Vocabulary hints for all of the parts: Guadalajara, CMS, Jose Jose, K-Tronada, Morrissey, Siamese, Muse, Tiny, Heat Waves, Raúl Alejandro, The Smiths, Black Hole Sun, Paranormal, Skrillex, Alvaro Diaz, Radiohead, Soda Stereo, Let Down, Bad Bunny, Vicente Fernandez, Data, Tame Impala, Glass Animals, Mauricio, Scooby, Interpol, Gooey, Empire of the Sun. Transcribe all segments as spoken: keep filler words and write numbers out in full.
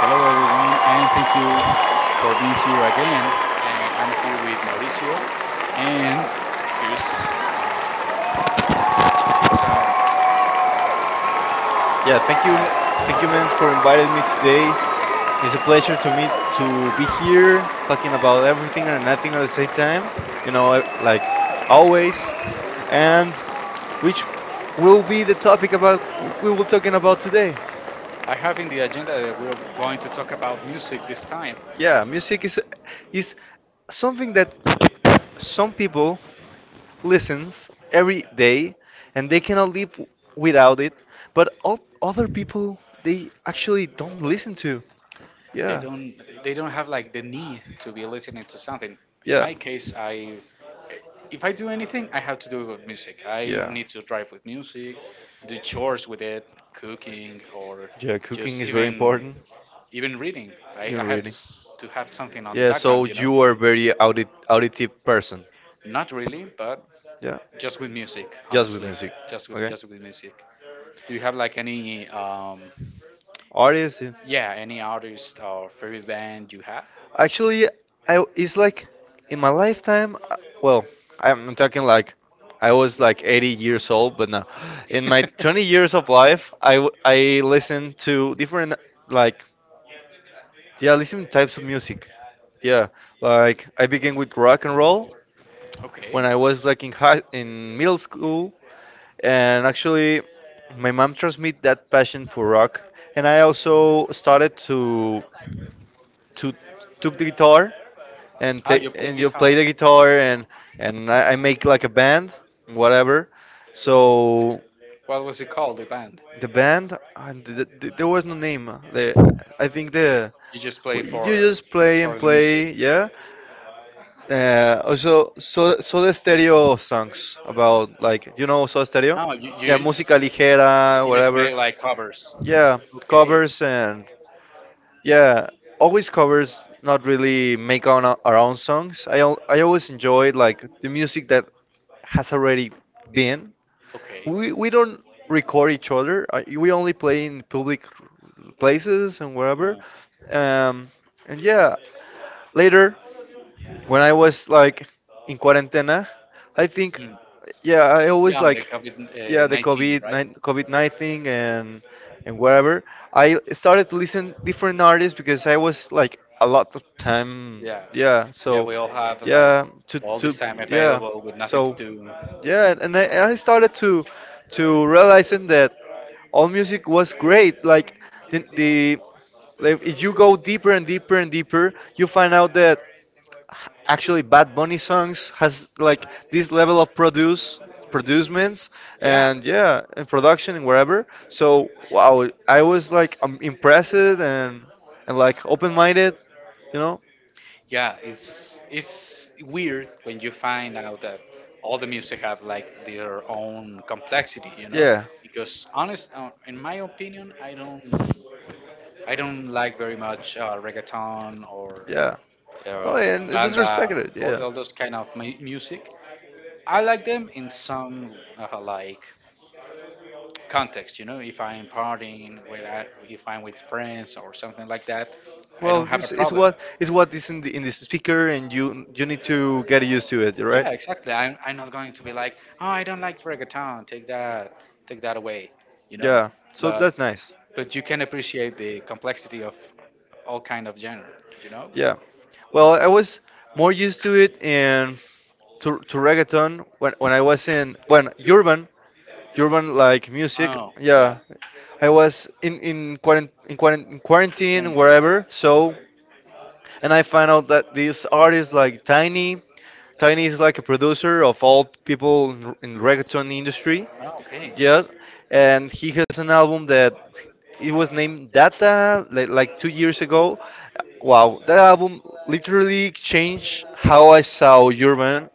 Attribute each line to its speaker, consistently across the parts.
Speaker 1: Hello, everyone, and thank you for being here again. And I'm here with Mauricio, and here's um, here's our,
Speaker 2: Yeah, thank you,
Speaker 1: our
Speaker 2: thank you,
Speaker 1: yeah,
Speaker 2: man, for inviting me
Speaker 1: sorry.
Speaker 2: today. It's a pleasure to meet to be here talking about everything and nothing at the same time. You know, I- like always. And which will be the topic about we will talking about today?
Speaker 1: I have in the agenda that we're going to talk about music this time.
Speaker 2: Yeah, music is is something that some people listens every day and they cannot live without it, but all other people they actually don't listen to.
Speaker 1: They
Speaker 2: Yeah,
Speaker 1: don't they don't have like the need to be listening to something. In
Speaker 2: yeah.
Speaker 1: my case, I if I do anything, I have to do with music. I
Speaker 2: Yeah.
Speaker 1: need to drive with music, do chores with it, cooking, or
Speaker 2: Yeah, cooking
Speaker 1: just
Speaker 2: is very
Speaker 1: even
Speaker 2: important.
Speaker 1: even reading I,
Speaker 2: You
Speaker 1: I
Speaker 2: know,
Speaker 1: have to,
Speaker 2: reading.
Speaker 1: s- to have something on the
Speaker 2: Yeah, so
Speaker 1: background you know
Speaker 2: you are very audit auditive person.
Speaker 1: Not really, but
Speaker 2: Yeah,
Speaker 1: just with music
Speaker 2: just with
Speaker 1: honestly
Speaker 2: music.
Speaker 1: just with
Speaker 2: Okay.
Speaker 1: just with music. Do you have like any um
Speaker 2: Artist, yeah.
Speaker 1: yeah, any artist or favorite band you have?
Speaker 2: Actually, I it's like in my lifetime. uh, Well, I'm talking like I was like eighty years old, but no. In my twenty years of life, I w- I listened to different, like, yeah, listening types of music. Yeah, like I began with rock and roll
Speaker 1: Okay.
Speaker 2: when I was like in high, in middle school, and actually, my mom transmitted that passion for rock, and I also started to to took the guitar and ta
Speaker 1: Ah, you play
Speaker 2: and you play
Speaker 1: guitar?
Speaker 2: the guitar. and and I, I make like a band, whatever. So
Speaker 1: What was it called, the band?
Speaker 2: the band, and th th there was no name. The, I think the
Speaker 1: You just play
Speaker 2: you
Speaker 1: for
Speaker 2: just play and
Speaker 1: for the music?
Speaker 2: play, yeah. Uh, also, so, Soda Stereo songs about, like, you know Soda Stereo,
Speaker 1: No, you
Speaker 2: yeah,
Speaker 1: you,
Speaker 2: música ligera,
Speaker 1: you just
Speaker 2: whatever.
Speaker 1: made like covers?
Speaker 2: Yeah,
Speaker 1: Okay,
Speaker 2: covers and yeah, always covers. Not really make on our our own songs. I al- I always enjoy like the music that has already been.
Speaker 1: okay.
Speaker 2: We we don't record each other. I, we only play in public places and wherever.
Speaker 1: Uh,
Speaker 2: Um, and yeah, later when I was like in cuarentena, I think.
Speaker 1: Mm.
Speaker 2: Yeah, I
Speaker 1: Yeah,
Speaker 2: always
Speaker 1: on the
Speaker 2: like,
Speaker 1: yeah,
Speaker 2: yeah,
Speaker 1: COVID
Speaker 2: the
Speaker 1: nineteen,
Speaker 2: COVID
Speaker 1: right?
Speaker 2: COVID nineteen and and whatever. I started to listen different artists because I was like a lot of time.
Speaker 1: Yeah,
Speaker 2: Yeah,
Speaker 1: yeah,
Speaker 2: so
Speaker 1: we all have like
Speaker 2: yeah, to
Speaker 1: all
Speaker 2: to
Speaker 1: this time
Speaker 2: yeah,
Speaker 1: available with nothing to
Speaker 2: so
Speaker 1: do.
Speaker 2: yeah, and I, I started to to realizing that all music was great. Like the the like, if you go deeper and deeper and deeper, you find out that actually Bad Bunny songs has like this level of produce producements,
Speaker 1: Yeah,
Speaker 2: and yeah, and production and wherever. So wow, I was like um, impressed and and like open-minded, you know?
Speaker 1: yeah, it's it's weird when you find out that all the music have like their own complexity, you know?
Speaker 2: Yeah,
Speaker 1: Because honest, uh, in my opinion, I don't I don't like very much uh, reggaeton or
Speaker 2: yeah. Oh, and
Speaker 1: um,
Speaker 2: it is
Speaker 1: banda,
Speaker 2: respected, yeah.
Speaker 1: all, all those kind of mu- music. I like them in some uh, like context, you know if I am partying with I- if I'm with friends or something like that. I don't
Speaker 2: Well,
Speaker 1: have a
Speaker 2: it's, it's
Speaker 1: problem.
Speaker 2: what it's what is in the in the speaker, and you you need to get used to it, right?
Speaker 1: Yeah, exactly, i'm, i'm, not going to be like, oh, I don't like reggaeton, take that take that away you know
Speaker 2: Yeah, so
Speaker 1: but
Speaker 2: that's nice.
Speaker 1: but you can appreciate the complexity of all kind of genre you know
Speaker 2: Yeah. Well, I was more used to it in to, to reggaeton when when I was in, when urban urban like music.
Speaker 1: oh,
Speaker 2: Yeah,
Speaker 1: yeah.
Speaker 2: I was in in quarant in, quarant in quarantine,
Speaker 1: Twenty.
Speaker 2: wherever. So and I found out that these artists like Tiny, Tiny is like a producer of all people in, in reggaeton industry.
Speaker 1: Oh, okay.
Speaker 2: Yes, and he has an album that it was named Data like, like two years ago. Wow, that album literally changed how I saw Urban.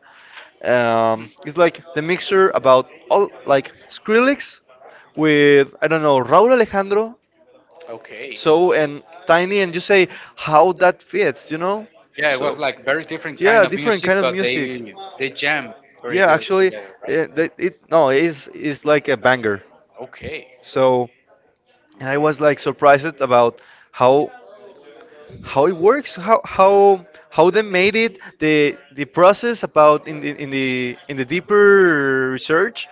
Speaker 2: Um,
Speaker 1: Hmm.
Speaker 2: it's like the mixer about all, like, Skrillex with, I don't know, Raúl Alejandro,
Speaker 1: Okay.
Speaker 2: so and Tiny, and you say how that fits, you know?
Speaker 1: Yeah, it was
Speaker 2: So
Speaker 1: like very different kind
Speaker 2: yeah,
Speaker 1: of
Speaker 2: different
Speaker 1: music,
Speaker 2: kind of
Speaker 1: but they
Speaker 2: music.
Speaker 1: they jam very
Speaker 2: Yeah,
Speaker 1: good
Speaker 2: actually,
Speaker 1: together, right?
Speaker 2: uh, that- it no, it's it's like a banger.
Speaker 1: Okay,
Speaker 2: So, and I was
Speaker 1: okay,
Speaker 2: like surprised about how how it works, how how how they made it, the the process about in the in the in the deeper research,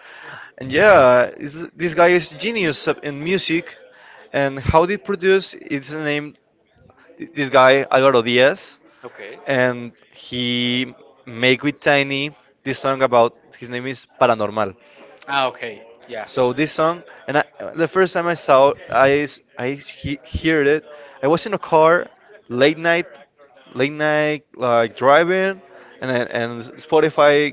Speaker 2: and yeah, is- this guy is genius up in music, and how they produce. It's named th- this guy Alvaro Diaz,
Speaker 1: okay.
Speaker 2: and he make with Tiny this song about his name is Paranormal.
Speaker 1: Ah, okay, yeah,
Speaker 2: So this song, and I, the first time I saw it, I s- I he, heard it, I was in a car, late night, late night like driving, and I- and Spotify,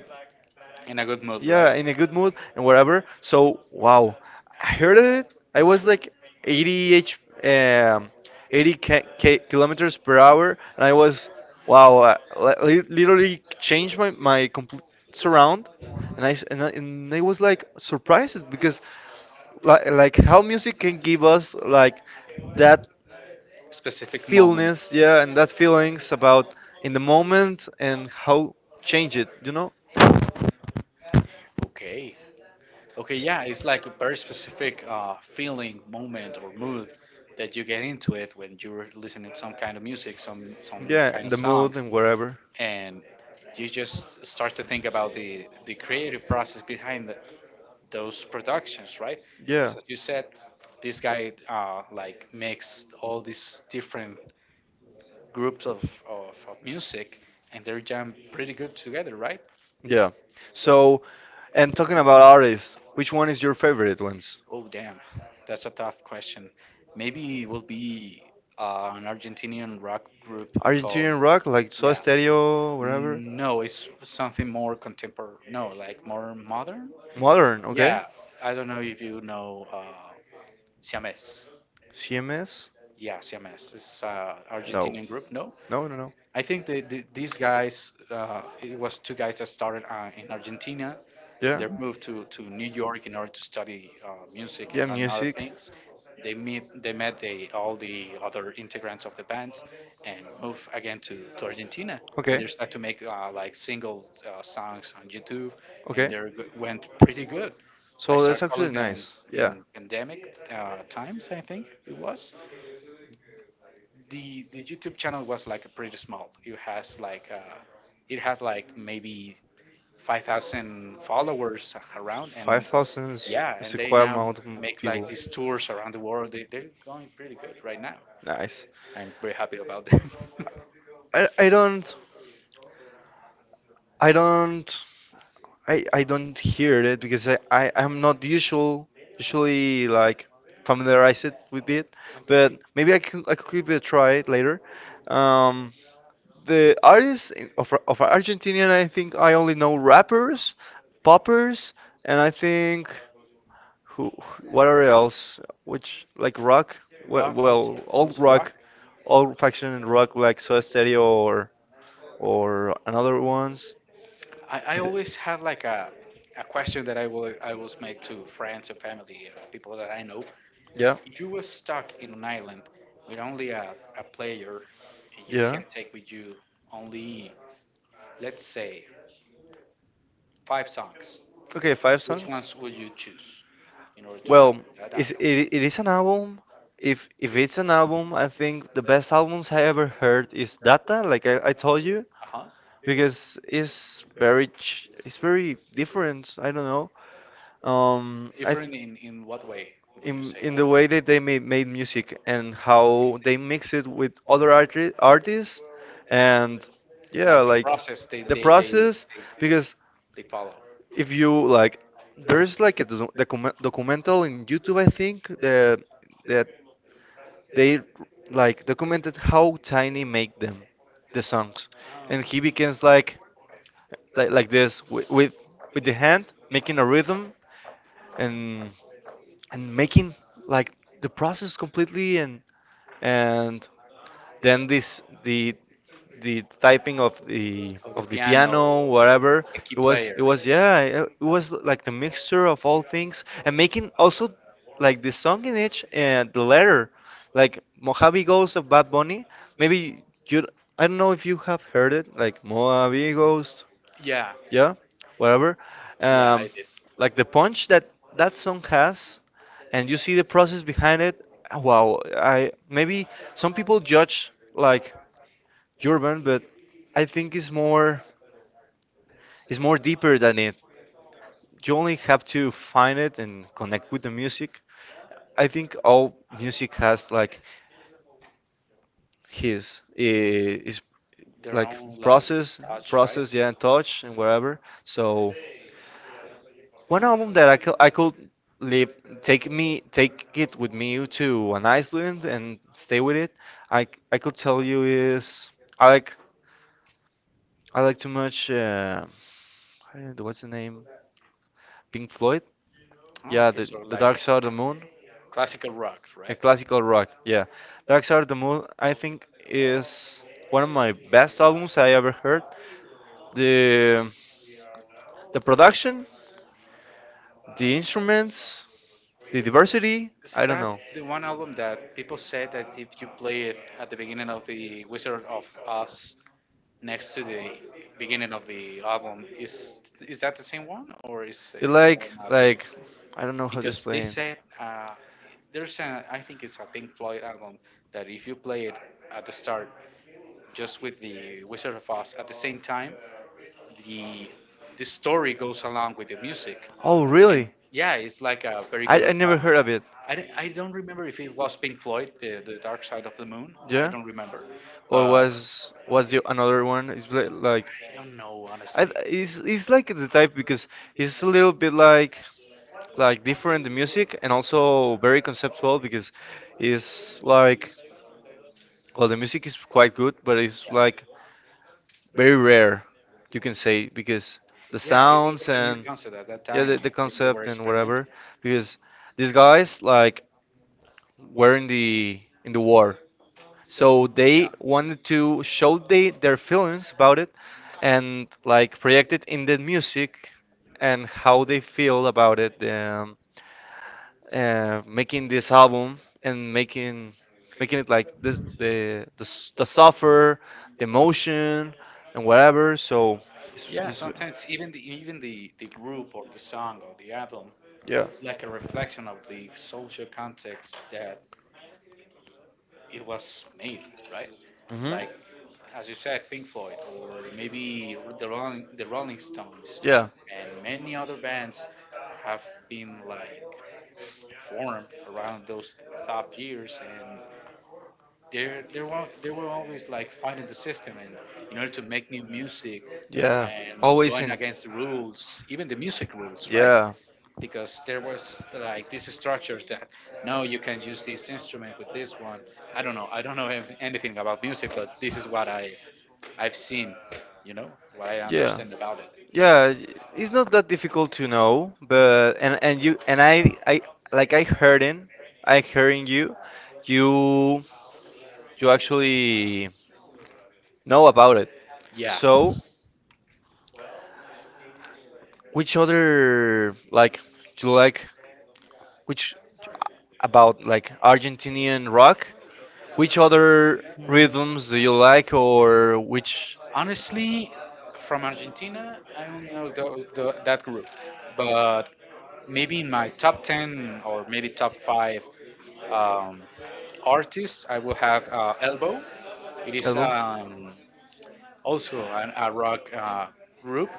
Speaker 1: in a good mood, right?
Speaker 2: yeah, in a good mood and whatever. So wow, I heard it. I was like eighty h um eighty k, k kilometers per hour, and I was, wow, I, li- literally changed my my complete surround. And I s- and I, and I was like surprised because like like how music can give us like that
Speaker 1: Specific moment.
Speaker 2: feelness, yeah, and that feelings about in the moment, and how change it, you know?
Speaker 1: Okay, okay, yeah, it's like a very specific uh, feeling, moment, or mood that you get into it when you're listening to some kind of music, some some
Speaker 2: Yeah,
Speaker 1: kind of
Speaker 2: and the mood
Speaker 1: songs,
Speaker 2: and wherever.
Speaker 1: and you just start to think about the the creative process behind the, those productions, right?
Speaker 2: Yeah,
Speaker 1: Because as you said, this guy uh, like mixed all these different groups of, of, of music and they're jam pretty good together, right?
Speaker 2: yeah. So and talking about artists, which one is your favorite ones?
Speaker 1: Oh, damn. That's a tough question. Maybe it will be uh, an Argentinian rock group called,
Speaker 2: Argentinian rock like Soda
Speaker 1: yeah.
Speaker 2: Stereo, wherever.
Speaker 1: No, it's something more contemporary. No, like more modern.
Speaker 2: Modern, okay.
Speaker 1: Yeah, I don't know if you know uh, Siamese.
Speaker 2: CMS?
Speaker 1: Yeah, C M S. It's uh,
Speaker 2: No,
Speaker 1: Argentinian group. No,
Speaker 2: no, no, no.
Speaker 1: I think the, the, these guys. Uh, it was two guys that started uh, in Argentina.
Speaker 2: Yeah,
Speaker 1: They moved to, to New York in order to study uh, music
Speaker 2: yeah,
Speaker 1: and, and other
Speaker 2: music.
Speaker 1: things. They meet. They met the all the other integrants of the bands, and moved again to, to Argentina. And
Speaker 2: Okay,
Speaker 1: they started to make uh, like single uh, songs on YouTube, and
Speaker 2: okay.
Speaker 1: they went pretty good. I
Speaker 2: So that's
Speaker 1: started
Speaker 2: actually
Speaker 1: following them
Speaker 2: nice. Yeah,
Speaker 1: in pandemic uh, times. I think it was the the YouTube channel was like pretty small. It has like uh, it had like maybe five thousand followers around,
Speaker 2: five
Speaker 1: and
Speaker 2: thousand
Speaker 1: yeah,
Speaker 2: is
Speaker 1: and
Speaker 2: a
Speaker 1: they
Speaker 2: quite
Speaker 1: now
Speaker 2: amount of m-
Speaker 1: make like
Speaker 2: people.
Speaker 1: these tours around the world. They they're going pretty good right now.
Speaker 2: Nice.
Speaker 1: I'm very happy about them.
Speaker 2: I I don't I don't I I don't hear it because I, I I'm not usual usually like familiarized with it, but
Speaker 1: Okay,
Speaker 2: maybe I could I could give it a try later. Um, the artists in- of of Argentinian, I think I only know rappers, poppers, and I think who what are else? Which like rock? Well,
Speaker 1: rock
Speaker 2: well
Speaker 1: also
Speaker 2: old
Speaker 1: also rock.
Speaker 2: rock, old fashioned rock like Soda Stereo or or another ones.
Speaker 1: I, I
Speaker 2: I thi-
Speaker 1: always had like a a question that I will I always make to friends and family, uh, people that I know.
Speaker 2: yeah,
Speaker 1: You were stuck in an island with only a, a player, and you
Speaker 2: yeah.
Speaker 1: can take with you only, let's say, five songs.
Speaker 2: Okay, five
Speaker 1: Which
Speaker 2: songs.
Speaker 1: ones would you choose in order to
Speaker 2: Well,
Speaker 1: have that
Speaker 2: is it,
Speaker 1: island?
Speaker 2: it is an album. If if it's an album, I think the best albums I ever heard is Data, like I, I told you,
Speaker 1: Uh-huh.
Speaker 2: because it's very ch it's very different. I don't know. Um, I th
Speaker 1: Different in in what way? Would you
Speaker 2: in
Speaker 1: say
Speaker 2: in
Speaker 1: that
Speaker 2: the way that they made made music and how they mix it with other arti artists, and yeah,
Speaker 1: like the
Speaker 2: like
Speaker 1: process they
Speaker 2: the
Speaker 1: they they,
Speaker 2: process
Speaker 1: they,
Speaker 2: because.
Speaker 1: they follow?
Speaker 2: If you like, there is like a do- docu- document documental in YouTube, I think, that that they like documented how Tiny make them, the songs,
Speaker 1: Oh.
Speaker 2: and he begins like like like this with with, with the hand making a rhythm and and making like the process completely and and then this the the typing of the
Speaker 1: Of the
Speaker 2: of the
Speaker 1: piano,
Speaker 2: piano, whatever.
Speaker 1: of the key
Speaker 2: It was
Speaker 1: player.
Speaker 2: it was yeah, it it was like the mixture of all things and making also like the song in each and the letter. Like Mojave Ghost of Bad Bunny. Maybe you, I don't know if you have heard it, like Mojave Ghost,
Speaker 1: Yeah,
Speaker 2: yeah, whatever.
Speaker 1: yeah,
Speaker 2: Um,
Speaker 1: I did.
Speaker 2: like the punch that that song has, and you see the process behind it. Wow, I maybe some people judge like Urban, but I think it's more, it's more deeper than it. You only have to find it and connect with the music. I think all music has like his eh, is
Speaker 1: Their
Speaker 2: like
Speaker 1: own like
Speaker 2: process,
Speaker 1: touch, right?
Speaker 2: process, yeah, and touch and whatever. So one album that I could I could live take me, take it with me to an Iceland and stay with it. I I could tell you is I like, I like too much. Uh, uh, what's the name? Pink Floyd.
Speaker 1: Oh,
Speaker 2: Yeah,
Speaker 1: okay,
Speaker 2: the
Speaker 1: so
Speaker 2: the
Speaker 1: like
Speaker 2: Dark Side of the Moon.
Speaker 1: classical rock,
Speaker 2: A
Speaker 1: right?
Speaker 2: classical rock. Yeah, Dark Side of the Moon. I think is one of my best albums I ever heard. The the production, the instruments, the diversity.
Speaker 1: Is
Speaker 2: I don't
Speaker 1: that
Speaker 2: know.
Speaker 1: the one album that people say that if you play it at the beginning of the Wizard of Oz next to the beginning of the album, is is that the same one or is
Speaker 2: It's
Speaker 1: it
Speaker 2: like
Speaker 1: another?
Speaker 2: like I don't know how to
Speaker 1: Because they
Speaker 2: explain.
Speaker 1: said uh, there's a I think it's a Pink Floyd album that if you play it at the start just with the Wizard of Oz. At the same time, the the story goes along with the music,
Speaker 2: Oh,
Speaker 1: and
Speaker 2: really?
Speaker 1: yeah, it's like a very
Speaker 2: I, I
Speaker 1: good.
Speaker 2: never
Speaker 1: Uh,
Speaker 2: heard of it.
Speaker 1: I, don't- I don't remember if it was Pink Floyd, the the Dark Side of the Moon. I
Speaker 2: Yeah.
Speaker 1: don't remember,
Speaker 2: Or
Speaker 1: but
Speaker 2: was was the another one? It's li- like,
Speaker 1: I don't know
Speaker 2: I,
Speaker 1: honestly.
Speaker 2: it's it's like the type because it's a little bit like like different the music, and also very conceptual because it's like, well, the music is quite good, but it's like very rare, you can say, because the
Speaker 1: Yeah, it, it
Speaker 2: sounds
Speaker 1: was a new
Speaker 2: and
Speaker 1: concept at that
Speaker 2: yeah,
Speaker 1: time.
Speaker 2: the, the
Speaker 1: They they were
Speaker 2: concept and whatever,
Speaker 1: experimenting.
Speaker 2: because these guys like were in the in the war, so
Speaker 1: Yeah,
Speaker 2: they wanted to show they, their feelings about it and like project it in the music and how they feel about it, um, uh, making this album and making making it like this, the, the s- the suffer, the emotion and whatever, so it's,
Speaker 1: yeah.
Speaker 2: it's
Speaker 1: Sometimes even the even the the group or the song or the album
Speaker 2: yeah.
Speaker 1: is like a reflection of the social context that it was made, right?
Speaker 2: Hmm.
Speaker 1: Like as you said, Pink Floyd or maybe the Rolling, the Rolling Stones
Speaker 2: Yeah.
Speaker 1: and many other bands have been like formed around those top years and they're they were they were always like fighting the system and in order to make new music
Speaker 2: Yeah.
Speaker 1: and
Speaker 2: Always
Speaker 1: going
Speaker 2: in.
Speaker 1: against the rules, even the music rules, right?
Speaker 2: Yeah.
Speaker 1: Because there was like these structures that, no, you can use this instrument with this one. I don't know i don't know ev- anything about music, but this is what i i've seen, you know what I
Speaker 2: Yeah.
Speaker 1: understand about it,
Speaker 2: Yeah. It's not that difficult to know, but and and you and I I like I heard in, I hearing you, you you actually know about it.
Speaker 1: yeah.
Speaker 2: So which other, like, do you like, which about like Argentinian rock? Which other rhythms do you like, or which
Speaker 1: Honestly, from Argentina, I only know tho- tho- that group, but maybe in my top ten or maybe top five um, artists I will have uh, elbow. It is
Speaker 2: album?
Speaker 1: um, also an, a rock uh, group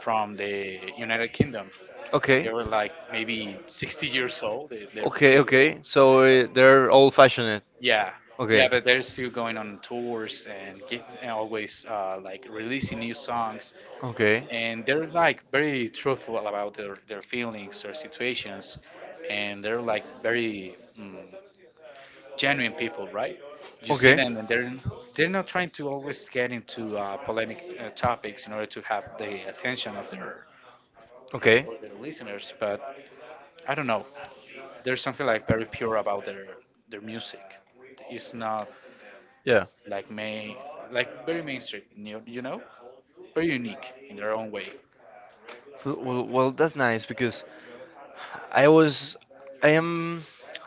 Speaker 1: from the United Kingdom. They
Speaker 2: Okay,
Speaker 1: were like maybe sixty years old. They, they're
Speaker 2: okay,
Speaker 1: pretty old.
Speaker 2: okay. So uh, they're old-fashioned.
Speaker 1: Yeah, yeah,
Speaker 2: Okay,
Speaker 1: but they're still going on tours and, get, and always uh, like releasing new songs.
Speaker 2: okay,
Speaker 1: And they're like very truthful about their, their feelings, their situations, and they're like very mm, genuine people, right? You see
Speaker 2: okay.
Speaker 1: them, and they're they're not trying to always get into uh, polemic uh, topics in order to have the attention of their
Speaker 2: Okay,
Speaker 1: or their listeners. But I don't know. There's something like very pure about their their music. It's not
Speaker 2: yeah.
Speaker 1: like main, like very mainstream, you you know, very unique in their own way.
Speaker 2: Well, well, well, that's nice because I was, I am,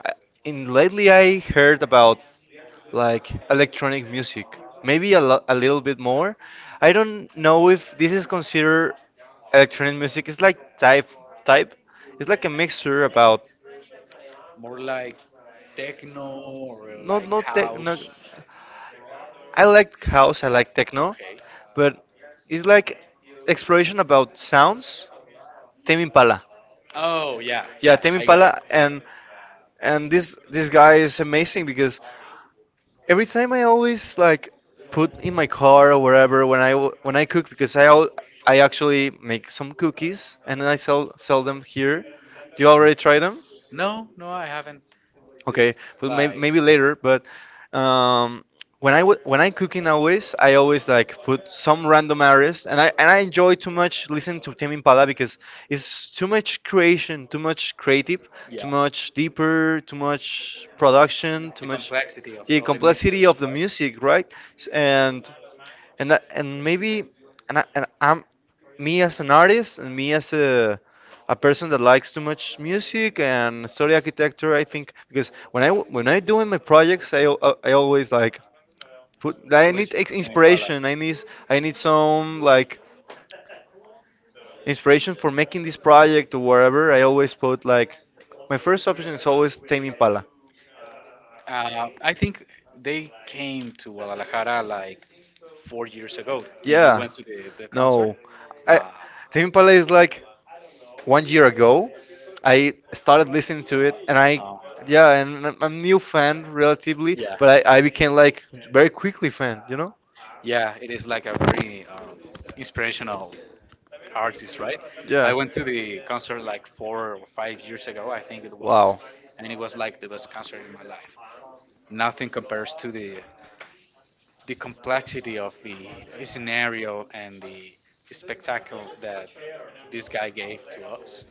Speaker 2: I, in lately I heard about like electronic music. Maybe a, lo- a little bit more. I don't know if this is considered electronic music. It's like type type. It's like a mixture about
Speaker 1: More like techno or
Speaker 2: not
Speaker 1: like
Speaker 2: not tech. Not,
Speaker 1: house.
Speaker 2: I like house. I like techno,
Speaker 1: Okay.
Speaker 2: but it's like exploration about sounds. Tame Impala.
Speaker 1: Oh yeah,
Speaker 2: Yeah,
Speaker 1: yeah,
Speaker 2: Tame
Speaker 1: I get it.
Speaker 2: Impala, and and this this guy is amazing because every time I always like put in my car or wherever when I w- when I cook because I al- I actually make some cookies and then I sell sell them here. Do you already try them?
Speaker 1: No, no, I haven't.
Speaker 2: Okay,
Speaker 1: It's
Speaker 2: well, may-
Speaker 1: like
Speaker 2: maybe later, but um, when I w- when I cooking always, I always like put some random artist and I and I enjoy too much listening to Tame Impala because it's too much creation, too much creative,
Speaker 1: yeah,
Speaker 2: too much deeper, too much production, too
Speaker 1: the
Speaker 2: much
Speaker 1: complexity of,
Speaker 2: the
Speaker 1: of the
Speaker 2: complexity
Speaker 1: mixtures,
Speaker 2: of the music, right? S- And and I- and maybe and, I, and I'm me as an artist and me as a a person that likes too much music and story architecture. I think because when I w- when I doing my projects, I al- I always like put I
Speaker 1: right?
Speaker 2: need
Speaker 1: Listen
Speaker 2: ex-
Speaker 1: to Tame Impala.
Speaker 2: inspiration. I need I need some, like, inspiration for making this project or whatever. I always put, like, my first option is always Tame Impala.
Speaker 1: Uh, I think they came to Guadalajara like four years ago. Did you
Speaker 2: Yeah,
Speaker 1: went to the, the concert?
Speaker 2: no, I
Speaker 1: Nah.
Speaker 2: Tame Impala is like one year ago. I started listening to it, and I,
Speaker 1: Um,
Speaker 2: yeah, and I'm a new fan relatively,
Speaker 1: yeah.
Speaker 2: but I, I became like very quickly fan, you know?
Speaker 1: Yeah, it is like a very um, inspirational artist, right? I
Speaker 2: Yeah.
Speaker 1: went to the concert like four or five years ago, I think it was,
Speaker 2: Wow.
Speaker 1: and it was like the best concert in my life. Nothing compares to the the complexity of the scenario and the spectacle that this guy gave to us.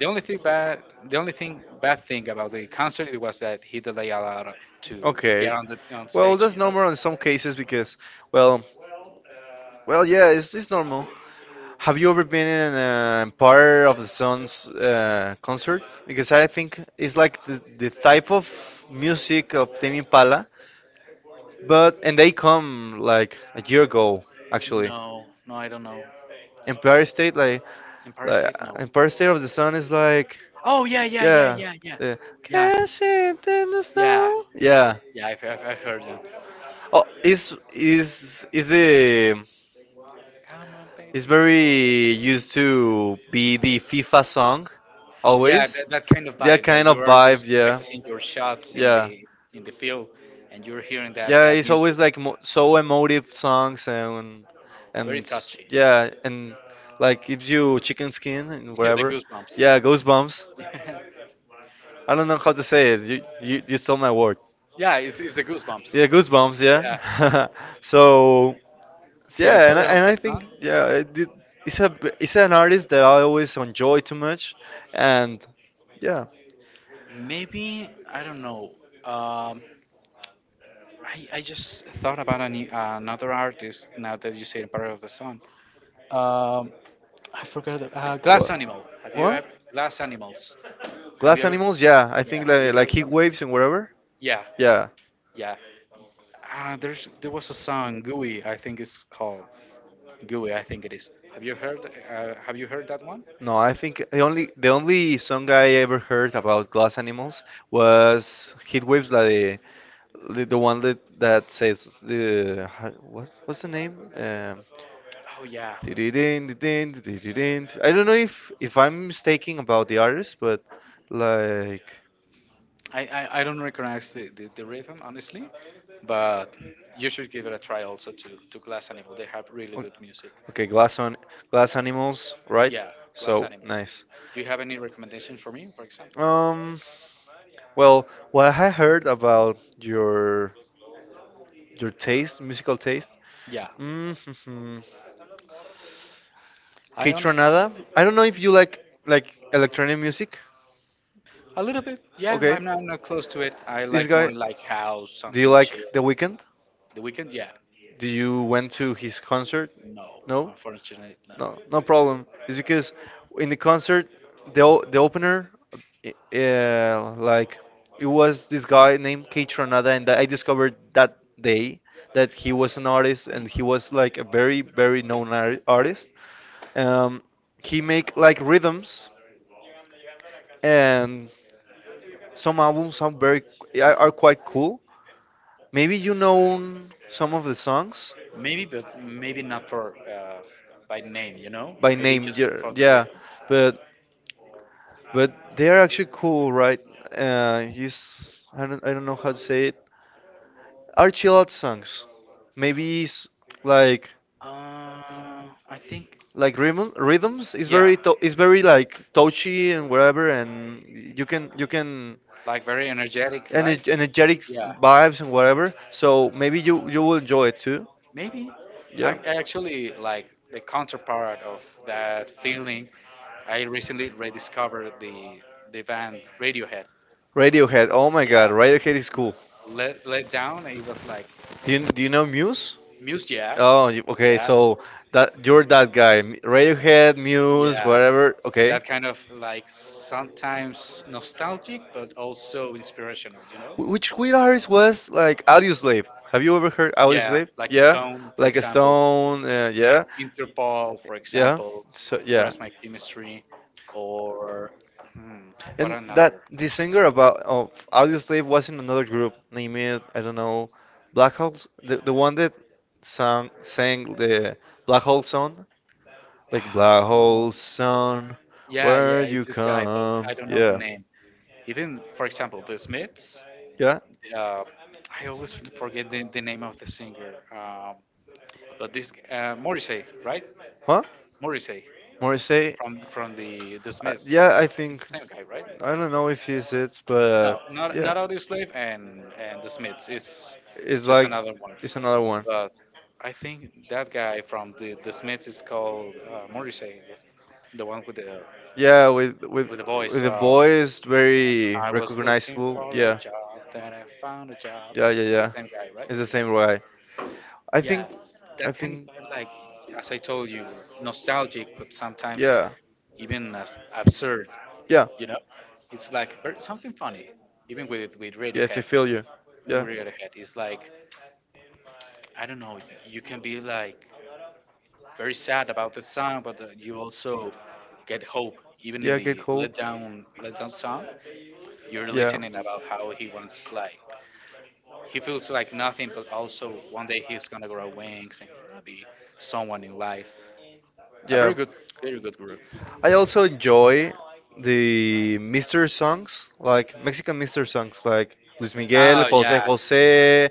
Speaker 1: The only thing bad, the only thing bad, thing about the concert it was that he delayed a lot to get
Speaker 2: Okay.
Speaker 1: on the on
Speaker 2: Well,
Speaker 1: stage.
Speaker 2: that's
Speaker 1: You know?
Speaker 2: normal in some cases because, well, well, yeah, it's, it's normal. Have you ever been in an Empire of the Sun's uh, concert? Because I think it's like the, the type of music of Tame Impala. But and they come like a year ago, actually.
Speaker 1: No, no, I don't know.
Speaker 2: Empire State, like,
Speaker 1: Empire
Speaker 2: like
Speaker 1: State, no.
Speaker 2: Empire State of the Sun is, like,
Speaker 1: Oh yeah, yeah, yeah,
Speaker 2: yeah.
Speaker 1: yeah, yeah,
Speaker 2: Yeah.
Speaker 1: yeah,
Speaker 2: Cash in the
Speaker 1: yeah,
Speaker 2: Snow. Yeah.
Speaker 1: yeah. I've, I've, I've heard them.
Speaker 2: Oh, is is is the
Speaker 1: Come on,
Speaker 2: is
Speaker 1: baby, you can.
Speaker 2: very used
Speaker 1: Yeah,
Speaker 2: to be the FIFA song
Speaker 1: yeah,
Speaker 2: always.
Speaker 1: that, that kind of
Speaker 2: That
Speaker 1: vibe that
Speaker 2: kind
Speaker 1: you
Speaker 2: of
Speaker 1: are just
Speaker 2: vibe, yeah.
Speaker 1: practicing your shots in the
Speaker 2: Yeah.
Speaker 1: in the field, and you're hearing that
Speaker 2: Yeah,
Speaker 1: that
Speaker 2: it's
Speaker 1: music.
Speaker 2: always like mo so emotive songs and and
Speaker 1: Very
Speaker 2: s-
Speaker 1: touchy.
Speaker 2: yeah, and like gives you chicken skin and
Speaker 1: Yeah, the
Speaker 2: whatever.
Speaker 1: goosebumps.
Speaker 2: Yeah, goosebumps. I don't know how to say it. You you, you stole my word.
Speaker 1: Yeah, it's, it's the goosebumps.
Speaker 2: Yeah, goosebumps.
Speaker 1: Yeah,
Speaker 2: Yeah. So,
Speaker 1: yeah,
Speaker 2: yeah, and I,
Speaker 1: Emperor of
Speaker 2: and
Speaker 1: the
Speaker 2: I
Speaker 1: Sun.
Speaker 2: think, yeah, it, did- it's a b- it's an artist that I always enjoy too much, and yeah.
Speaker 1: Maybe I don't know. Um, I I just thought about any, another artist now that you say Emperor of the Sun. Um, I forgot. Uh, Glass
Speaker 2: What?
Speaker 1: Animal. Have you
Speaker 2: What?
Speaker 1: ever Glass Animals? Have you
Speaker 2: Glass
Speaker 1: ever?
Speaker 2: Animals. Yeah, I
Speaker 1: Yeah,
Speaker 2: think,
Speaker 1: have you
Speaker 2: like like
Speaker 1: heard?
Speaker 2: Heat
Speaker 1: Of,
Speaker 2: Waves and whatever.
Speaker 1: yeah,
Speaker 2: Yeah,
Speaker 1: yeah. Uh, there's there was a song Gooey. I think it's called Gooey. I think it is. Have you heard? Uh, have you heard that one?
Speaker 2: no, I think the only the only song I ever heard about Glass Animals was Heatwaves, like the the one that that says the how- what what's the name? Um,
Speaker 1: Oh yeah,
Speaker 2: di-di-din, di-din, di-di-din. I don't know if if I'm mistaken about the artist, but, like,
Speaker 1: I, I, I don't recognize the, the, the rhythm honestly, but you should give it a try also to, to Glass Animal. They have really
Speaker 2: o-
Speaker 1: good music.
Speaker 2: okay, glass on Glass Animals, right?
Speaker 1: Yeah, Glass
Speaker 2: So
Speaker 1: Animal.
Speaker 2: nice.
Speaker 1: Do you have any recommendations for me, for example?
Speaker 2: Um. Well, what I heard about your your taste, musical taste,
Speaker 1: Yeah,
Speaker 2: mm-hmm.
Speaker 1: I
Speaker 2: K-Tronada.
Speaker 1: honestly
Speaker 2: I don't know if you like like electronic music.
Speaker 1: a little bit. Yeah,
Speaker 2: Okay,
Speaker 1: I'm not, I'm not close to it. I
Speaker 2: this
Speaker 1: like more
Speaker 2: guy.
Speaker 1: like house,
Speaker 2: Do you
Speaker 1: something
Speaker 2: like
Speaker 1: chill.
Speaker 2: The Weeknd?
Speaker 1: The weekend, yeah,
Speaker 2: Do you went to his concert?
Speaker 1: no,
Speaker 2: No.
Speaker 1: unfortunately, no.
Speaker 2: No, no problem. It's because in the concert, the o- the opener, i- uh, like, it was this guy named Kate Tronada, and I discovered that day that he was an artist, and he was like a very, very known ar artist. Um, he make, like, rhythms, and some albums sound very are, are quite cool. Maybe you know some of the songs
Speaker 1: Maybe, but maybe not for uh, by name, you know.
Speaker 2: by
Speaker 1: Maybe
Speaker 2: name,
Speaker 1: just
Speaker 2: yeah,
Speaker 1: for the
Speaker 2: yeah.
Speaker 1: rhythm.
Speaker 2: but But they are actually cool, right? Uh, he's I don't I don't know how to say it. Are chill out songs. Maybe it's, like
Speaker 1: Uh, I think
Speaker 2: like rhythm rhythms is
Speaker 1: yeah,
Speaker 2: very to is very, like, touchy and whatever, and you can you can
Speaker 1: like very energetic,
Speaker 2: ener
Speaker 1: right?
Speaker 2: energetic
Speaker 1: Yeah,
Speaker 2: vibes and whatever. So maybe you you will enjoy it too.
Speaker 1: maybe. I
Speaker 2: Yeah.
Speaker 1: I actually like the counterpart of that feeling. I recently rediscovered the the band Radiohead.
Speaker 2: Radiohead. Oh my
Speaker 1: Yeah,
Speaker 2: God, Radiohead is cool.
Speaker 1: let let down. It was like
Speaker 2: Do you do you know Muse?
Speaker 1: music. Yeah,
Speaker 2: Oh, you, okay.
Speaker 1: yeah,
Speaker 2: So that you're that guy, M- Radiohead, Muse,
Speaker 1: yeah.
Speaker 2: whatever. Okay.
Speaker 1: That kind of like sometimes nostalgic, but also inspirational. You know?
Speaker 2: Wh- Which weird artist was like Audioslave? Have you ever heard
Speaker 1: Yeah,
Speaker 2: Audioslave?
Speaker 1: like
Speaker 2: Yeah,
Speaker 1: Stone, for
Speaker 2: like a
Speaker 1: example.
Speaker 2: Stone. Uh, yeah,
Speaker 1: Interpol, for
Speaker 2: yeah.
Speaker 1: example,
Speaker 2: So
Speaker 1: to
Speaker 2: yeah,
Speaker 1: progress my chemistry, or hmm, what
Speaker 2: and that
Speaker 1: another?
Speaker 2: the singer about of Audioslave was in another group named, I don't know, Black Hawks. The the one that sang sang the Black Hole song. Like Black
Speaker 1: Oh,
Speaker 2: Hole Sun,
Speaker 1: yeah,
Speaker 2: where
Speaker 1: yeah, it's
Speaker 2: you
Speaker 1: this guy, but
Speaker 2: come.
Speaker 1: I don't know the
Speaker 2: Yeah.
Speaker 1: name. Even, for example, the Smiths.
Speaker 2: Yeah.
Speaker 1: Uh, I always forget the, the name of the singer. Um, but this uh, Morrissey, right?
Speaker 2: Huh?
Speaker 1: Morrissey
Speaker 2: Morrissey?
Speaker 1: from from the the
Speaker 2: Uh,
Speaker 1: Smiths.
Speaker 2: yeah, I
Speaker 1: It's
Speaker 2: think.
Speaker 1: the same guy, right?
Speaker 2: I don't know if he's it, but, uh,
Speaker 1: No, not
Speaker 2: yeah.
Speaker 1: not Audioslave and and the Smiths. It's
Speaker 2: It's
Speaker 1: just
Speaker 2: like
Speaker 1: another one.
Speaker 2: it's another one.
Speaker 1: But I think that guy from the the Smiths is called uh, Morrissey, the one with the
Speaker 2: Yeah, with with
Speaker 1: with the voice.
Speaker 2: with the
Speaker 1: Uh,
Speaker 2: boy is very
Speaker 1: I was looking
Speaker 2: recognizable.
Speaker 1: for a
Speaker 2: Yeah.
Speaker 1: job, then I found a job.
Speaker 2: Yeah, yeah,
Speaker 1: It's the
Speaker 2: yeah.
Speaker 1: same guy, right?
Speaker 2: It's the same way. I
Speaker 1: Yeah,
Speaker 2: think
Speaker 1: that
Speaker 2: I
Speaker 1: kind of
Speaker 2: think
Speaker 1: stuff, like, as I told you, nostalgic, but sometimes
Speaker 2: yeah.
Speaker 1: even as absurd.
Speaker 2: Yeah.
Speaker 1: You know, it's like ver- something funny. Even with with
Speaker 2: Yes, I
Speaker 1: Radiohead,
Speaker 2: feel you.
Speaker 1: even
Speaker 2: Yeah.
Speaker 1: with Radiohead, it's like I don't know. You can be like very sad about the song, but uh, you also get hope even in
Speaker 2: Yeah, get
Speaker 1: the
Speaker 2: hope.
Speaker 1: let down let down song. You're
Speaker 2: Yeah,
Speaker 1: listening about how he wants like he feels like nothing, but also one day he's gonna grow wings and he's gonna be someone in life. A
Speaker 2: yeah.
Speaker 1: very good, very good group.
Speaker 2: I also enjoy the mister songs, like Mexican mister songs, like Luis
Speaker 1: Mister
Speaker 2: Miguel,
Speaker 1: Oh
Speaker 2: Jose
Speaker 1: yeah,
Speaker 2: Jose.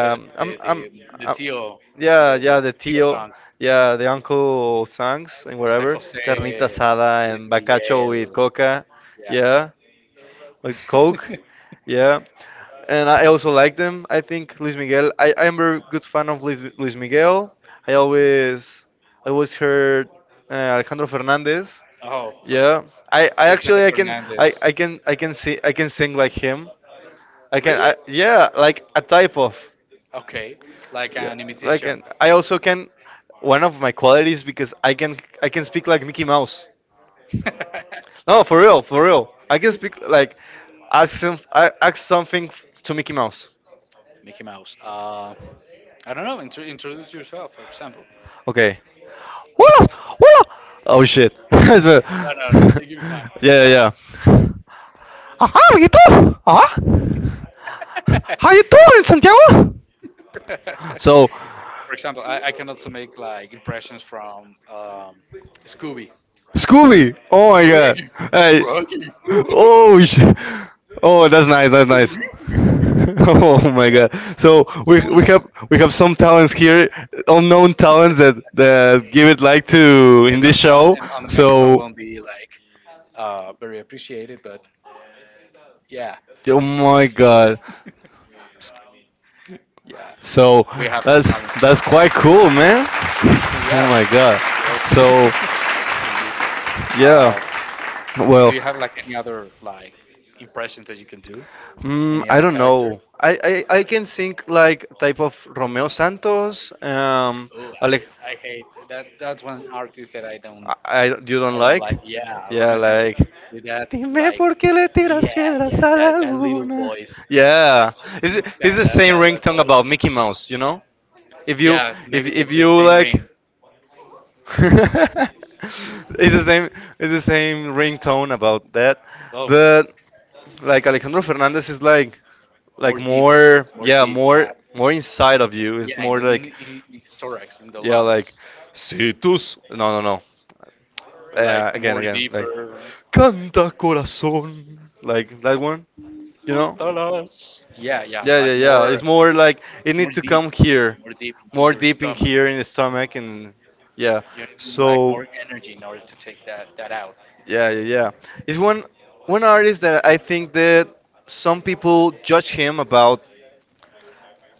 Speaker 1: yeah,
Speaker 2: I'm,
Speaker 1: the
Speaker 2: I'm,
Speaker 1: the the
Speaker 2: I
Speaker 1: Tio,
Speaker 2: yeah,
Speaker 1: the the
Speaker 2: yeah, the
Speaker 1: Tio
Speaker 2: tío,
Speaker 1: songs,
Speaker 2: yeah, the uncle songs and
Speaker 1: Jose
Speaker 2: whatever.
Speaker 1: Jose,
Speaker 2: Carnita asada
Speaker 1: Luis
Speaker 2: and bacacho
Speaker 1: Miguel,
Speaker 2: with coca,
Speaker 1: yeah.
Speaker 2: yeah. Like Coke, yeah. And I also like them. I think Luis Miguel. I I'm very good fan of Luis, Luis Miguel. I always I always heard, uh, Alejandro Fernandez.
Speaker 1: Oh,
Speaker 2: Yeah.
Speaker 1: perfect.
Speaker 2: I, I
Speaker 1: Vicente
Speaker 2: actually I can I,
Speaker 1: Fernandez.
Speaker 2: I can I can see I can sing like him. I can,
Speaker 1: Really?
Speaker 2: I yeah, like a type of,
Speaker 1: Okay. Like
Speaker 2: yeah,
Speaker 1: an
Speaker 2: like.
Speaker 1: imitation.
Speaker 2: And I also can one of my qualities because I can I can speak like Mickey Mouse. No, for real, for real. I can speak like, ask some I ask something to Mickey Mouse.
Speaker 1: Mickey Mouse. Uh, I don't know. Intro- introduce yourself, for example.
Speaker 2: Okay. Hola! Hola! Oh, shit.
Speaker 1: No, no, no. Take your time.
Speaker 2: Yeah,
Speaker 1: Take your time.
Speaker 2: yeah, yeah. Uh, how you Uh, how you doing, Santiago? So,
Speaker 1: For example, I, I can also make like impressions from um, Scooby.
Speaker 2: Scooby. Oh my God.
Speaker 1: Rocky,
Speaker 2: Hey.
Speaker 1: Rocky.
Speaker 2: Oh, shit. Oh, that's nice. That's nice. Oh my
Speaker 1: Yeah.
Speaker 2: God. So we we have
Speaker 1: Zoinks.
Speaker 2: we have some talents here, unknown talents that that give it like to in
Speaker 1: Maybe on
Speaker 2: this
Speaker 1: the mi-
Speaker 2: show.
Speaker 1: and on the microphone
Speaker 2: So,
Speaker 1: won't be like uh, very appreciated, but yeah.
Speaker 2: oh my God.
Speaker 1: Yeah, so
Speaker 2: So
Speaker 1: we have some
Speaker 2: that's
Speaker 1: talents
Speaker 2: that's
Speaker 1: here.
Speaker 2: quite cool, man.
Speaker 1: Yeah,
Speaker 2: Oh my God.
Speaker 1: you also,
Speaker 2: So,
Speaker 1: also
Speaker 2: yeah.
Speaker 1: you. Um, do
Speaker 2: Well,
Speaker 1: you have like any other like impressions that you can do?
Speaker 2: mm,
Speaker 1: Any
Speaker 2: I
Speaker 1: other
Speaker 2: don't
Speaker 1: character?
Speaker 2: know. I, I, I can think like type of Romeo Santos. Um,
Speaker 1: Oh,
Speaker 2: Alec,
Speaker 1: I, I hate that. That's one artist that I don't,
Speaker 2: I, I you
Speaker 1: I
Speaker 2: don't
Speaker 1: don't
Speaker 2: like?
Speaker 1: like. Yeah,
Speaker 2: Yeah,
Speaker 1: Romeo Santos
Speaker 2: like.
Speaker 1: with that
Speaker 2: Dime
Speaker 1: like,
Speaker 2: por qué le
Speaker 1: yeah,
Speaker 2: tiras
Speaker 1: yeah,
Speaker 2: piedras a la
Speaker 1: that, that little
Speaker 2: luna.
Speaker 1: voice. I
Speaker 2: Yeah,
Speaker 1: just
Speaker 2: it's,
Speaker 1: can't
Speaker 2: it's
Speaker 1: stand
Speaker 2: the
Speaker 1: that
Speaker 2: same
Speaker 1: that, that
Speaker 2: ringtone about
Speaker 1: voice.
Speaker 2: Mickey Mouse, you know? If you
Speaker 1: Yeah,
Speaker 2: if
Speaker 1: maybe the,
Speaker 2: if
Speaker 1: the
Speaker 2: you
Speaker 1: same
Speaker 2: like.
Speaker 1: ring.
Speaker 2: it's the same it's the same ringtone about that.
Speaker 1: Oh,
Speaker 2: But, like, Alejandro Fernandez is, like like
Speaker 1: more deep,
Speaker 2: more,
Speaker 1: more
Speaker 2: yeah,
Speaker 1: deep.
Speaker 2: more
Speaker 1: Yeah,
Speaker 2: more inside of you. It's
Speaker 1: yeah, in
Speaker 2: more,
Speaker 1: in, in,
Speaker 2: like,
Speaker 1: in his thorax, in the
Speaker 2: yeah, like,
Speaker 1: lungs.
Speaker 2: si tus, no, no, no, uh,
Speaker 1: Like
Speaker 2: again,
Speaker 1: more
Speaker 2: again like,
Speaker 1: deeper.
Speaker 2: canta corazon, like that one you know
Speaker 1: Matalas. Yeah, yeah,
Speaker 2: yeah, yeah,
Speaker 1: like
Speaker 2: yeah, it's
Speaker 1: more,
Speaker 2: more like it
Speaker 1: more
Speaker 2: needs to
Speaker 1: deep,
Speaker 2: come here,
Speaker 1: more deep in
Speaker 2: more
Speaker 1: your
Speaker 2: deep in
Speaker 1: stomach.
Speaker 2: here in the stomach, and yeah.
Speaker 1: You need like
Speaker 2: So,
Speaker 1: more energy in order to take that that out.
Speaker 2: yeah, yeah, yeah. He's one one artist that I think that some people judge him about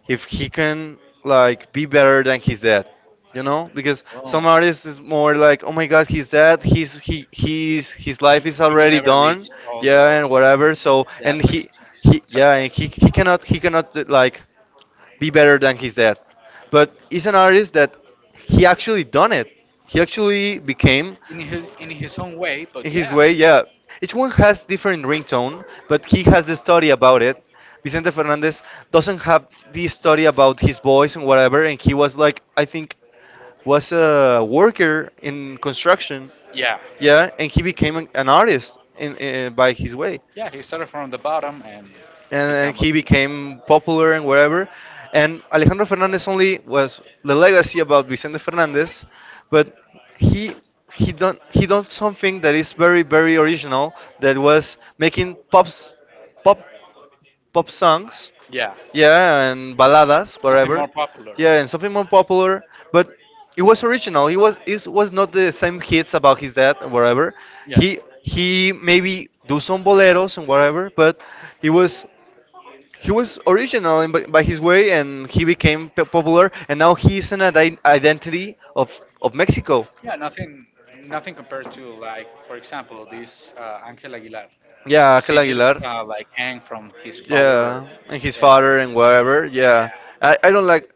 Speaker 2: if he can, like, be better than his dad. You know, because some
Speaker 1: Oh,
Speaker 2: artists is more like, oh my God, he's dead. He's he he's his life
Speaker 1: he,
Speaker 2: is
Speaker 1: he will
Speaker 2: already
Speaker 1: never
Speaker 2: done.
Speaker 1: reach all
Speaker 2: Yeah, and
Speaker 1: those,
Speaker 2: whatever. So and
Speaker 1: that
Speaker 2: he
Speaker 1: success.
Speaker 2: he yeah, and
Speaker 1: Yes,
Speaker 2: he he cannot he cannot, uh, like, be better than his dad. But he's an artist that he actually done it. He actually became
Speaker 1: in his in his own way.
Speaker 2: in
Speaker 1: But
Speaker 2: his
Speaker 1: yeah,
Speaker 2: way, yeah. Each one has different ringtone, but he has the story about it. Vicente Fernandez doesn't have the story about his voice and whatever, and he was like, I think, was a worker in construction,
Speaker 1: yeah,
Speaker 2: yeah, and he became an, an artist in, uh, by his way,
Speaker 1: yeah. He started from the bottom and
Speaker 2: and, and
Speaker 1: become a,
Speaker 2: he became popular and wherever. And Alejandro Fernandez only was the legacy about Vicente Fernandez, but he he done he done something that is very, very original, that was making pops pop pop songs,
Speaker 1: yeah,
Speaker 2: yeah, and baladas
Speaker 1: something
Speaker 2: whatever,
Speaker 1: more popular.
Speaker 2: yeah, and something more popular, but. It was original. It was it was not the same hits about his dad or whatever.
Speaker 1: Yeah.
Speaker 2: He he maybe do some boleros and whatever, but he was he was original in, by, by his way, and he became p- popular, and now he is an ide- identity of, of Mexico.
Speaker 1: Yeah, nothing, nothing compared to like, for example, this uh, Angel Aguilar.
Speaker 2: Yeah, Ángel
Speaker 1: She just
Speaker 2: Aguilar.
Speaker 1: uh, like hang from his father.
Speaker 2: Yeah, and his father and whatever. Yeah,
Speaker 1: Yeah,
Speaker 2: I, I don't like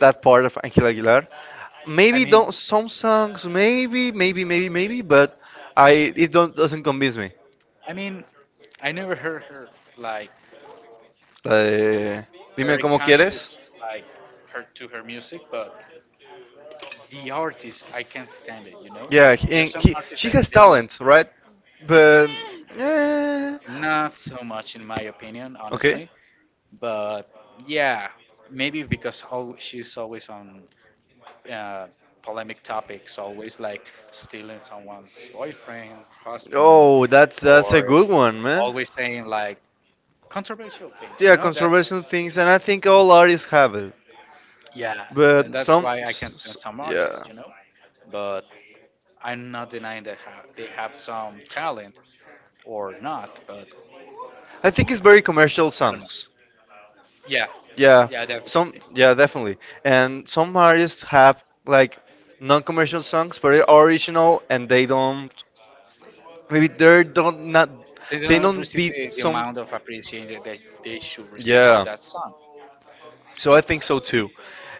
Speaker 2: that part of Ángel Aguilar.
Speaker 1: I
Speaker 2: Maybe
Speaker 1: mean,
Speaker 2: don't some songs. Maybe maybe maybe maybe, but I it don't doesn't convince me.
Speaker 1: I mean, I never heard her like
Speaker 2: Uh, Dime
Speaker 1: very
Speaker 2: cómo quieres.
Speaker 1: conscious like her to her music, but the artist, I can't stand it. You know,
Speaker 2: Yeah, he,
Speaker 1: there's
Speaker 2: and
Speaker 1: some
Speaker 2: he
Speaker 1: artists
Speaker 2: she
Speaker 1: that
Speaker 2: has
Speaker 1: they're
Speaker 2: talent, right? But, eh,
Speaker 1: not so much in my opinion,
Speaker 2: okay.
Speaker 1: honestly. But yeah, maybe because al- she's always on uh, polemic topics, always like stealing someone's boyfriend, husband,
Speaker 2: Oh, that's that's a
Speaker 1: or
Speaker 2: good one, man.
Speaker 1: always saying like controversial things.
Speaker 2: Yeah,
Speaker 1: You know, that's
Speaker 2: conservation things, and I think all artists have it,
Speaker 1: yeah, th-
Speaker 2: but
Speaker 1: that's
Speaker 2: some,
Speaker 1: why I
Speaker 2: s-
Speaker 1: can
Speaker 2: s-
Speaker 1: stand some
Speaker 2: yeah,
Speaker 1: artists. You know, but I'm not denying that ha- they have some talent or not. But
Speaker 2: I think it's very commercial
Speaker 1: I don't know.
Speaker 2: songs.
Speaker 1: Yeah,
Speaker 2: Yeah,
Speaker 1: yeah,
Speaker 2: some,
Speaker 1: definitely.
Speaker 2: yeah, definitely. And some artists have, like, non-commercial songs, but they're original, and they don't, maybe they don't not,
Speaker 1: They
Speaker 2: they
Speaker 1: don't
Speaker 2: don't
Speaker 1: receive the,
Speaker 2: beat
Speaker 1: the
Speaker 2: some.
Speaker 1: amount of appreciation that they, they should receive for
Speaker 2: Yeah,
Speaker 1: that song.
Speaker 2: so I think so too.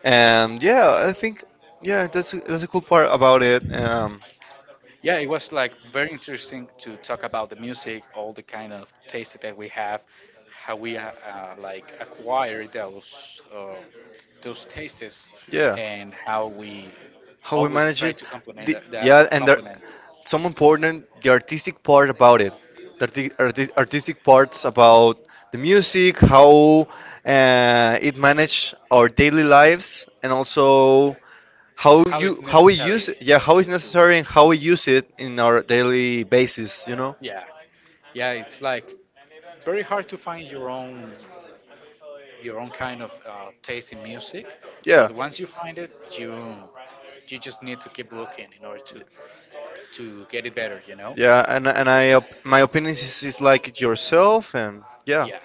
Speaker 2: And yeah, I think, yeah, that's a- that's a cool part about it. Um,
Speaker 1: Yeah, it was like very interesting to talk about the music, all the kind of taste that we have, how we uh, uh, like acquire those uh, those tastes,
Speaker 2: yeah.
Speaker 1: and how we
Speaker 2: How we
Speaker 1: always
Speaker 2: manage
Speaker 1: try
Speaker 2: it.
Speaker 1: to complement
Speaker 2: The,
Speaker 1: that,
Speaker 2: yeah,
Speaker 1: that
Speaker 2: and there,
Speaker 1: and
Speaker 2: some important the artistic part about it, the arti- arti- artistic parts about the music, how, uh, it manage our daily lives, and also how
Speaker 1: how it's
Speaker 2: you how we use
Speaker 1: necessary
Speaker 2: it. Yeah, how it's
Speaker 1: to, to
Speaker 2: necessary and how we use it in our daily basis. You know.
Speaker 1: yeah, yeah, it's like very hard to find your own your own kind of uh, taste in music,
Speaker 2: Yeah,
Speaker 1: but once you find it you you just need to keep looking in order to to get it better, you know.
Speaker 2: yeah, and and I op- my opinion is, is like yourself, and yeah,
Speaker 1: Yeah.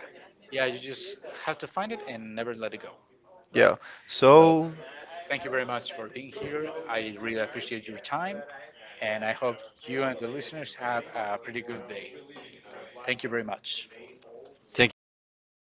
Speaker 1: Yeah, you just have to find it and never let it go, right?
Speaker 2: yeah.
Speaker 1: But
Speaker 2: So,
Speaker 1: thank you very much for being here. I really appreciate your time, and I hope you and the listeners have a pretty good day. Thank you very much.
Speaker 2: thank you.